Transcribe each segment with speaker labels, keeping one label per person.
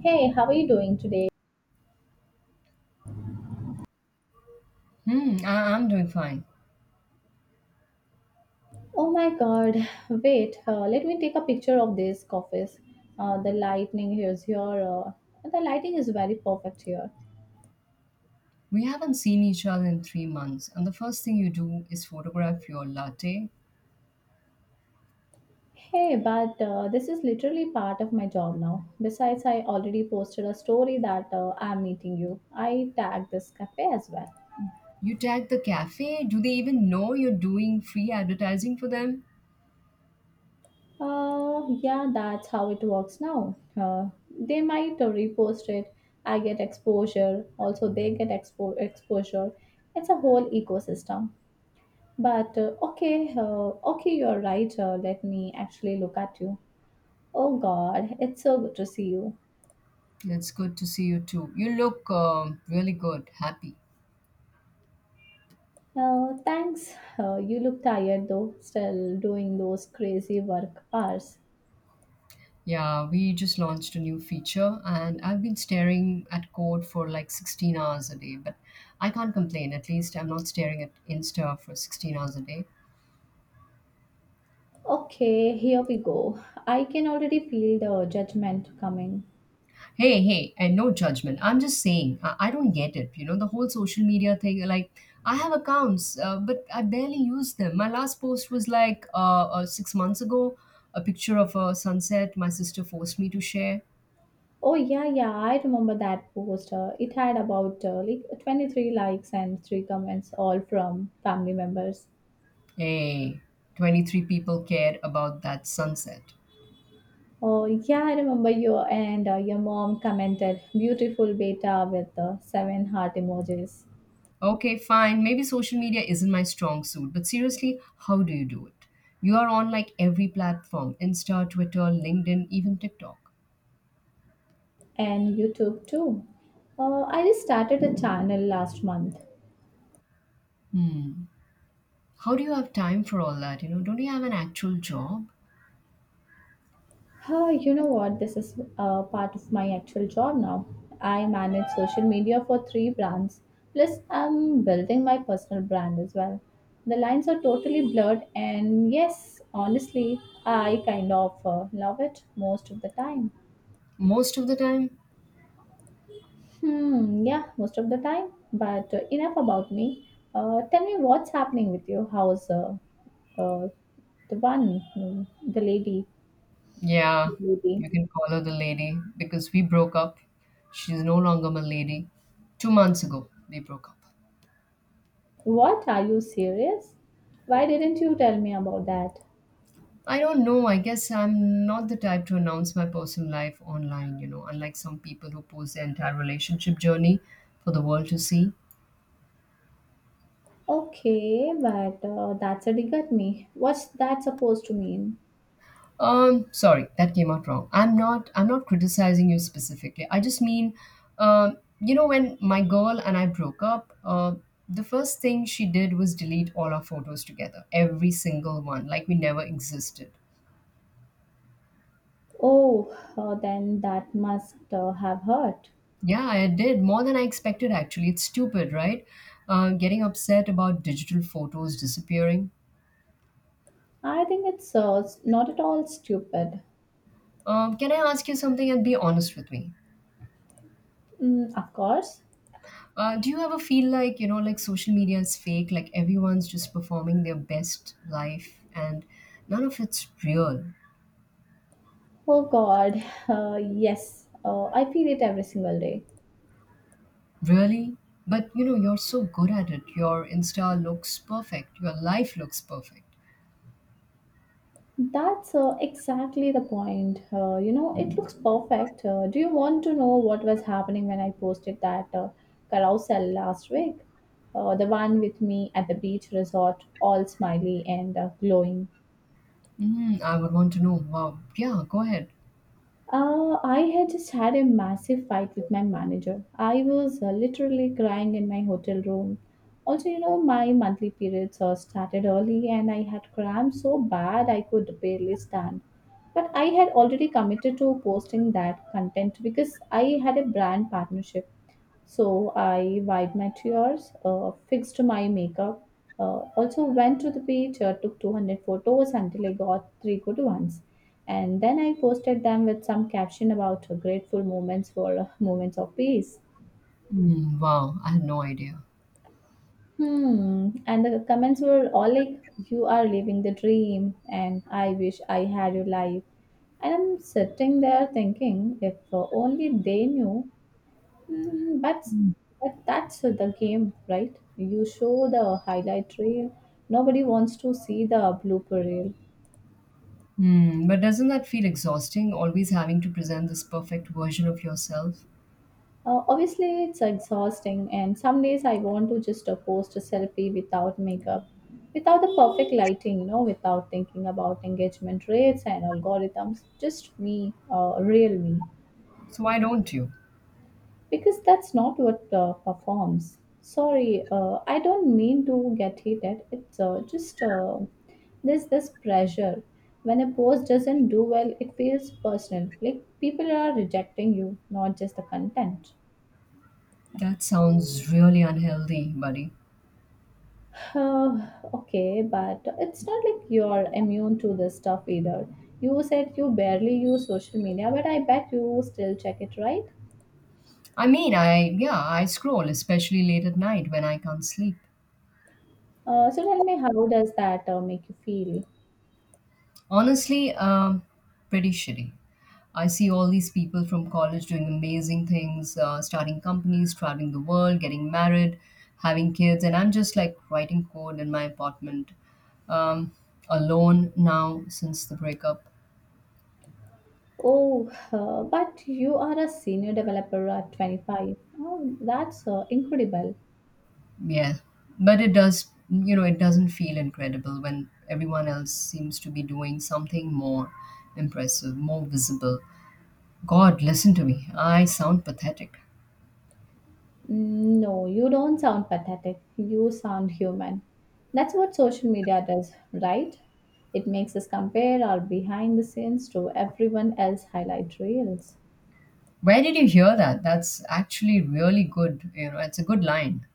Speaker 1: Hey, how are you doing today?
Speaker 2: Hmm, I'm doing fine.
Speaker 1: Oh my god, wait, let me take a picture of this office. The lightning here is here. The lighting is very perfect here.
Speaker 2: We haven't seen each other in 3 months, and the first thing you do is photograph your latte.
Speaker 1: Hey, but this is literally part of my job now. Besides, I already posted a story that I'm meeting you. I tagged this cafe as well.
Speaker 2: You tag the cafe. Do they even know you're doing free advertising for them?
Speaker 1: Yeah, that's how it works now. They might repost it. I get exposure. Also, they get exposure. It's a whole ecosystem. But okay, okay, you're right. Let me actually look at you. Oh God, it's so good to see you.
Speaker 2: It's good to see you too. You look really good, happy.
Speaker 1: Thanks. You look tired though, still doing those crazy work hours.
Speaker 2: Yeah, we just launched a new feature, and I've been staring at code for like 16 hours a day, but I can't complain. At least I'm not staring at Insta for 16 hours a day.
Speaker 1: Okay, here we go. I can already feel the judgment coming.
Speaker 2: Hey, hey, and no judgment. I'm just saying, I don't get it. You know, the whole social media thing. Like, I have accounts, but I barely use them. My last post was like 6 months ago, a picture of a sunset my sister forced me to share.
Speaker 1: Oh yeah, yeah, I remember that post. It had about like 23 likes and 3 comments, all from family members.
Speaker 2: Hey, 23 people cared about that sunset.
Speaker 1: Oh, yeah, I remember you and your mom commented beautiful beta with seven heart emojis.
Speaker 2: Okay, fine. Maybe social media isn't my strong suit, but seriously, how do you do it? You are on like every platform Insta, Twitter, LinkedIn, even TikTok.
Speaker 1: And YouTube too. I just started a channel last month.
Speaker 2: Hmm. How do you have time for all that? You know, don't you have an actual job?
Speaker 1: Huh, you know what? This is part of my actual job now. I manage social media for three brands. Plus, I'm building my personal brand as well. The lines are totally blurred, and yes, honestly, I kind of love it most of the time.
Speaker 2: Most of the time,
Speaker 1: Hmm, yeah, most of the time. But enough about me. Tell me what's happening with you. How's uh, the the lady,
Speaker 2: yeah,
Speaker 1: the lady?
Speaker 2: you can call her the lady because we broke up. She's no longer my lady. 2 months ago, we broke up.
Speaker 1: What? Are you serious? Why didn't you tell me about that?
Speaker 2: I don't know. I guess I'm not the type to announce my personal life online, you know, unlike some people who post their entire relationship journey for the world to see.
Speaker 1: Okay, but that's a dig at me. What's that supposed to mean?
Speaker 2: Sorry, that came out wrong. I'm not. I'm not criticizing you specifically. I just mean, you know, when my girl and I broke up, the first thing she did was delete all our photos together, every single one, like we never existed.
Speaker 1: Oh, then that must have hurt.
Speaker 2: Yeah, I did more than I expected. Actually, it's stupid, right? Getting upset about digital photos disappearing.
Speaker 1: I think it's not at all stupid.
Speaker 2: Can I ask you something and be honest with me?
Speaker 1: Mm, of course.
Speaker 2: Do you ever feel like, you know, like social media is fake, like everyone's just performing their best life and none of it's real?
Speaker 1: Oh God, yes, I feel it every single day.
Speaker 2: Really? But, you know, you're so good at it. Your Insta looks perfect. Your life looks perfect.
Speaker 1: That's exactly the point. You know, it looks perfect. Do you want to know what was happening when I posted that carousel last week? The one with me at the beach resort, all smiley and glowing.
Speaker 2: Mm, I would want to know. Wow. Yeah, go ahead.
Speaker 1: I had just had a massive fight with my manager. I was literally crying in my hotel room. Also, you know, my monthly periods started early and I had cramps so bad I could barely stand. But I had already committed to posting that content because I had a brand partnership. So I wiped my tears, fixed my makeup, also went to the beach, took 200 photos until I got three good ones. And then I posted them with some caption about grateful moments for moments of peace.
Speaker 2: Mm, wow. I had no idea.
Speaker 1: Hmm. And the comments were all like, you are living the dream, and I wish I had your life. And I'm sitting there thinking, if only they knew. Mm, but that's the game, right? You show the highlight reel. Nobody wants to see the blooper reel.
Speaker 2: Hmm. But doesn't that feel exhausting, always having to present this perfect version of yourself?
Speaker 1: Obviously, it's exhausting, and some days I want to just post a selfie without makeup, without the perfect lighting, you know, without thinking about engagement rates and algorithms. Just me, real me.
Speaker 2: So why don't you?
Speaker 1: Because that's not what performs. Sorry, I don't mean to get heated. It's just there's this pressure. When a post doesn't do well, it feels personal. Like people are rejecting you, not just the content.
Speaker 2: That sounds really unhealthy, buddy.
Speaker 1: Uh, okay, but it's not like you're immune to this stuff either. You said you barely use social media, but I bet you still check it, right?
Speaker 2: I mean, I yeah, I scroll, especially late at night when I can't sleep.
Speaker 1: So tell me, how does that make you feel?
Speaker 2: Honestly, pretty shitty. I see all these people from college doing amazing things, starting companies, traveling the world, getting married, having kids, and I'm just like writing code in my apartment, um, alone now since the breakup.
Speaker 1: Oh, but you are a senior developer at 25. Oh, that's incredible.
Speaker 2: Yeah, but it does, you know, it doesn't feel incredible when everyone else seems to be doing something more impressive, more visible. God, listen to me. I sound pathetic.
Speaker 1: Mm, no, you don't sound pathetic. You sound human. That's what social media does, right? It makes us compare our behind the scenes to everyone else' highlight reels.
Speaker 2: Where did you hear that? That's actually really good. You know, it's a good line.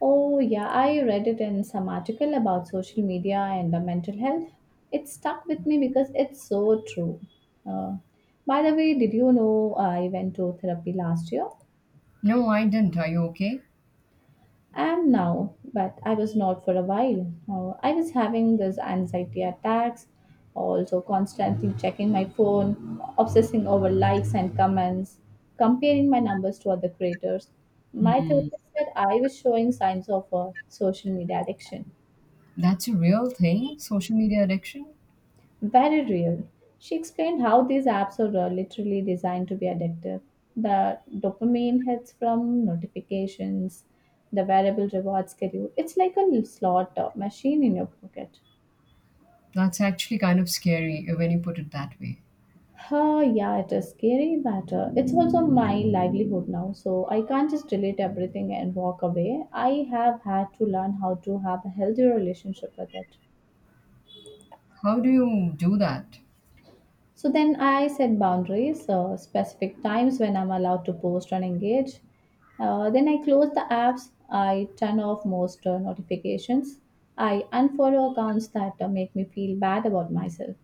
Speaker 1: Oh, yeah, I read it in some article about social media and mental health. It stuck with me because it's so true. Uh, by the way, did you know I went to therapy last year?
Speaker 2: No, I didn't. Are you okay?
Speaker 1: I am now, but I was not for a while. I was having these anxiety attacks, also constantly checking my phone, obsessing over likes and comments, comparing my numbers to other creators. My
Speaker 2: Hmm.
Speaker 1: therapist said I was showing signs of a social media addiction.
Speaker 2: That's a real thing, social media addiction?
Speaker 1: Very real. She explained how these apps are literally designed to be addictive. The dopamine hits from notifications, the variable reward schedule. It's like a slot machine in your pocket.
Speaker 2: That's actually kind of scary when you put it that way.
Speaker 1: Oh, yeah, it is scary, but it's also my livelihood now. So I can't just delete everything and walk away. I have had to learn how to have a healthy relationship with it.
Speaker 2: How do you do that?
Speaker 1: So then I set boundaries, specific times when I'm allowed to post and engage. Then I close the apps, I turn off most notifications, I unfollow accounts that make me feel bad about myself.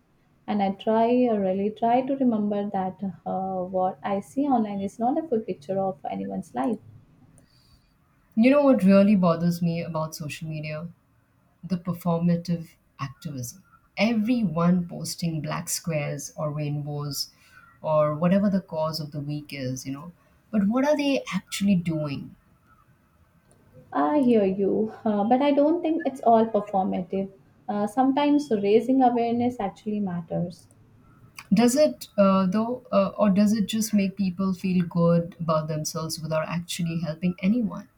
Speaker 1: And I try, really try to remember that what I see online is not a full picture of anyone's life.
Speaker 2: You know what really bothers me about social media? The performative activism. Everyone posting black squares or rainbows or whatever the cause of the week is, you know. But what are they actually doing?
Speaker 1: I hear you, but I don't think it's all performative. Sometimes raising awareness actually matters.
Speaker 2: Does it, though, or does it just make people feel good about themselves without actually helping anyone?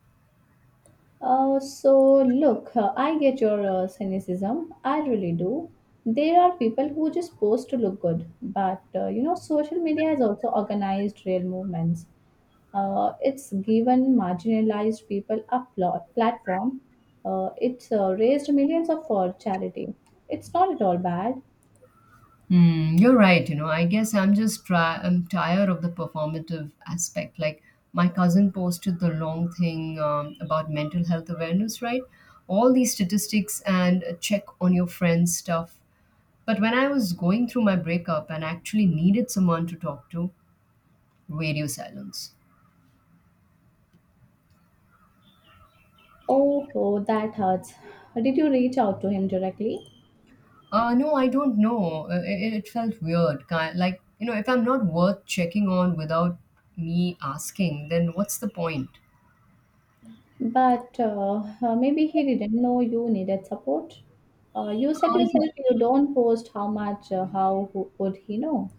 Speaker 1: So look, I get your cynicism. I really do. There are people who just post to look good, but you know, social media has also organized real movements. It's given marginalized people a platform. It's raised millions of for charity. It's not at all bad.
Speaker 2: Mm, you're right. You know, I guess I'm just try. I'm tired of the performative aspect. Like my cousin posted the long thing about mental health awareness, right? All these statistics and check on your friends stuff. But when I was going through my breakup and actually needed someone to talk to, radio silence.
Speaker 1: Oh, oh, that hurts. Did you reach out to him directly?
Speaker 2: No, I don't know. It felt weird. Like you know, if I'm not worth checking on without me asking, then what's the point?
Speaker 1: But maybe he didn't know you needed support. You said
Speaker 2: Uh,
Speaker 1: yourself you don't post how much, how who, would he know?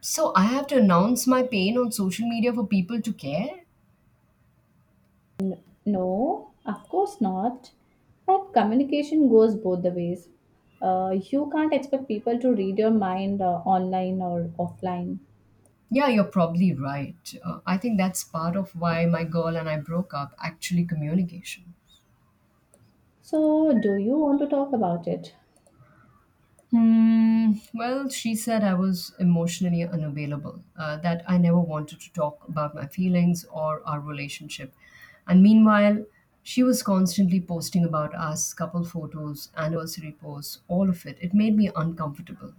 Speaker 2: So I have to announce my pain on social media for people to care?
Speaker 1: No, of course not. But communication goes both the ways. You can't expect people to read your mind online or offline.
Speaker 2: Yeah, you're probably right. I think that's part of why my girl and I broke up actually, communication.
Speaker 1: So, do you want to talk about it?
Speaker 2: Hmm. Well, she said I was emotionally unavailable, that I never wanted to talk about my feelings or our relationship. And meanwhile, she was constantly posting about us, couple photos, anniversary posts, all of it. It made me uncomfortable.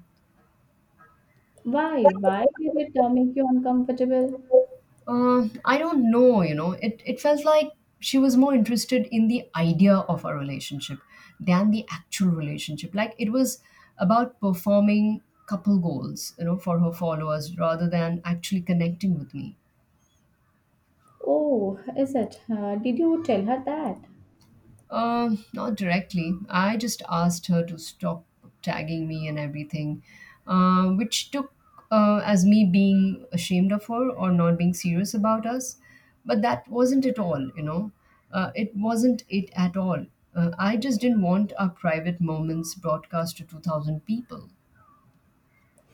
Speaker 1: Why? Why did it make you uncomfortable?
Speaker 2: I don't know, you know, it felt like she was more interested in the idea of a relationship than the actual relationship. Like it was about performing couple goals, you know, for her followers rather than actually connecting with me.
Speaker 1: Oh, is it? Did you tell her that?
Speaker 2: Not directly. I just asked her to stop tagging me and everything, which took as me being ashamed of her or not being serious about us. But that wasn't at all, you know. It wasn't it at all. I just didn't want our private moments broadcast to 2,000 people.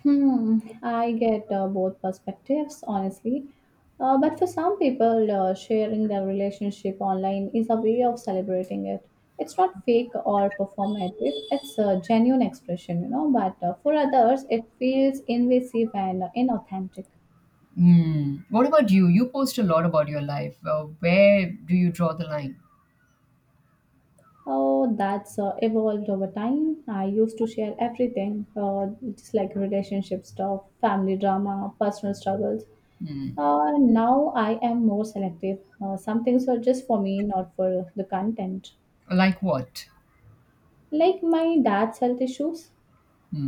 Speaker 1: Hmm, I get both perspectives, honestly. But for some people, sharing their relationship online is a way of celebrating it. It's not fake or performative, it's a genuine expression, you know. But for others, it feels invasive and inauthentic.
Speaker 2: Hmm. What about you? You post a lot about your life. Where do you draw the line?
Speaker 1: Oh, that's evolved over time. I used to share everything, just like relationship stuff, family drama, personal struggles. Now I am more selective. Some things are just for me, not for the content.
Speaker 2: Like what?
Speaker 1: Like my dad's health issues.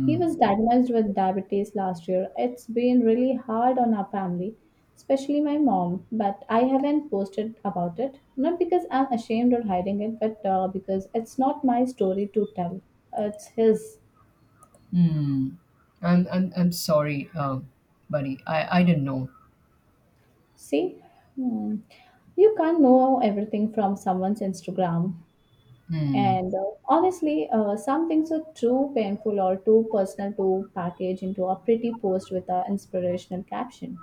Speaker 1: He was diagnosed with diabetes last year. It's been really hard on our family, especially my mom, but I haven't posted about it. Not because I'm ashamed or hiding it, but because it's not my story to tell. It's his.
Speaker 2: Hmm. I'm sorry, buddy. I didn't know.
Speaker 1: See? Hmm. You can't know everything from someone's Instagram.
Speaker 2: Hmm.
Speaker 1: And honestly, some things are too painful or too personal to package into a pretty post with an inspirational caption.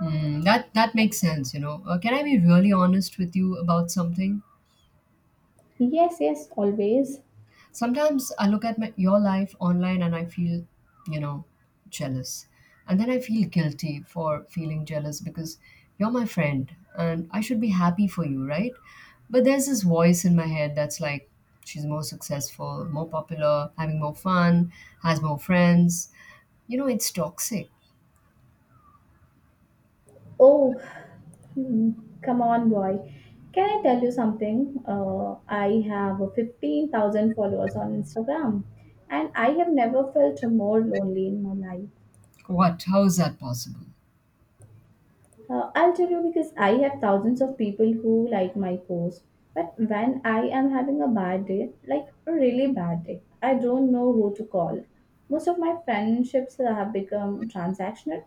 Speaker 2: Hmm. That makes sense. You know. Can I be really honest with you about something?
Speaker 1: Yes, yes, always.
Speaker 2: Sometimes I look at my, your life online and I feel, you know, jealous. And then I feel guilty for feeling jealous because you're my friend and I should be happy for you, right? But there's this voice in my head that's like, she's more successful, more popular, having more fun, has more friends. You know, it's toxic.
Speaker 1: Oh, hmm, come on, boy. Can I tell you something? I have 15,000 followers on Instagram and I have never felt more lonely in my life.
Speaker 2: What? How is that possible?
Speaker 1: I'll tell you because I have thousands of people who like my post. But when I am having a bad day, like a really bad day, I don't know who to call. Most of my friendships have become transactional.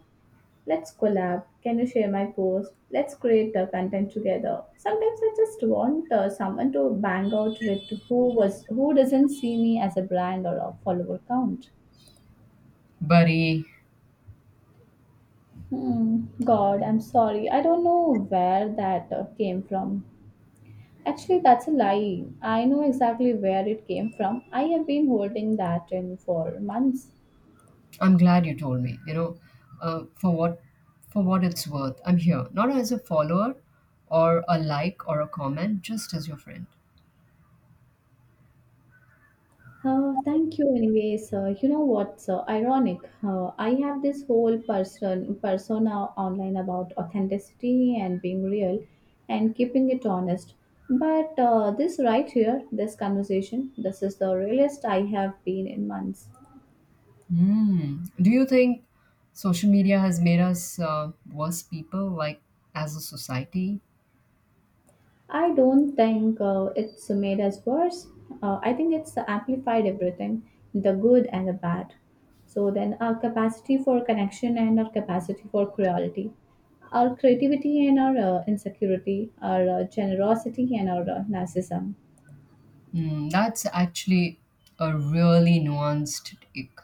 Speaker 1: Let's collab. Can you share my post? Let's create the content together. Sometimes I just want someone to bang out with who doesn't see me as a brand or a follower count.
Speaker 2: Buddy,
Speaker 1: Hmm. God, I'm sorry. I don't know where that came from. Actually, that's a lie. I know exactly where it came from. I have been holding that in for months.
Speaker 2: I'm glad you told me. You know, uh, for what for what it's worth, I'm here not as a follower or a like or a comment, just as your friend.
Speaker 1: Thank you, anyways. You know what's ironic? I have this whole persona online about authenticity and being real and keeping it honest. But this right here, this conversation, this is the realest I have been in months.
Speaker 2: Hmm. Do you think social media has made us worse people, like as a society?
Speaker 1: I don't think it's made us worse. I think it's amplified everything, the good and the bad. So then our capacity for connection and our capacity for cruelty, our creativity and our insecurity, our generosity and our narcissism.
Speaker 2: Hmm. That's actually a really nuanced take.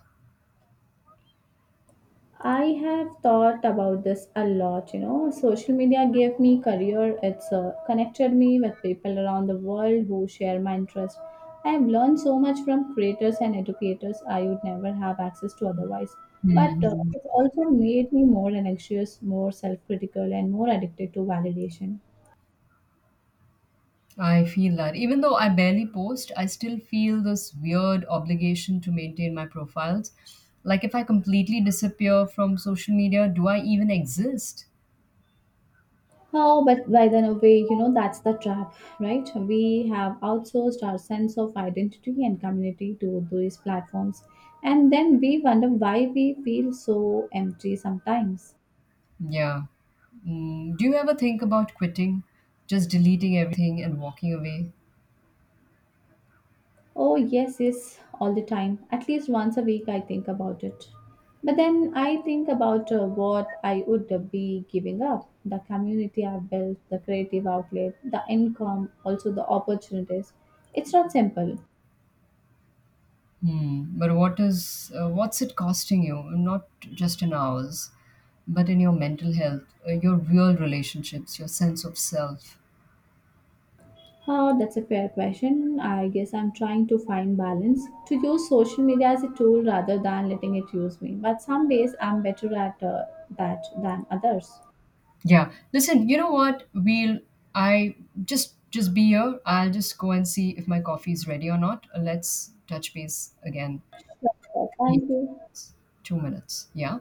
Speaker 1: I have thought about this a lot, you know. Social media gave me career. It's connected me with people around the world who share my interest. I have learned so much from creators and educators I would never have access to otherwise. But
Speaker 2: Hmm.
Speaker 1: it's also made me more anxious, more self-critical, and more addicted to validation.
Speaker 2: I feel that. Even though I barely post, I still feel this weird obligation to maintain my profiles. Like, if I completely disappear from social media, do I even exist?
Speaker 1: Oh, but by the way, you know, that's the trap, right? We have outsourced our sense of identity and community to these platforms. And then we wonder why we feel so empty sometimes.
Speaker 2: Yeah. Mm, do you ever think about quitting? Just deleting everything and walking away?
Speaker 1: Oh, yes, yes, all the time. At least once a week, I think about it. But then I think about what I would be giving up the community I've built, the creative outlet, the income, also the opportunities. It's not simple.
Speaker 2: Hmm. But what is, what's it costing you? Not just in hours, but in your mental health, your real relationships, your sense of self.
Speaker 1: That's a fair question. I guess I'm trying to find balance to use social media as a tool rather than letting it use me. But some days I'm better at that than others.
Speaker 2: Yeah. Listen, you know what? We'll I Just be here. I'll just go and see if my coffee is ready or not. Let's touch base again
Speaker 1: Sure.
Speaker 2: in
Speaker 1: Thank you.
Speaker 2: 2 minutes. Yeah.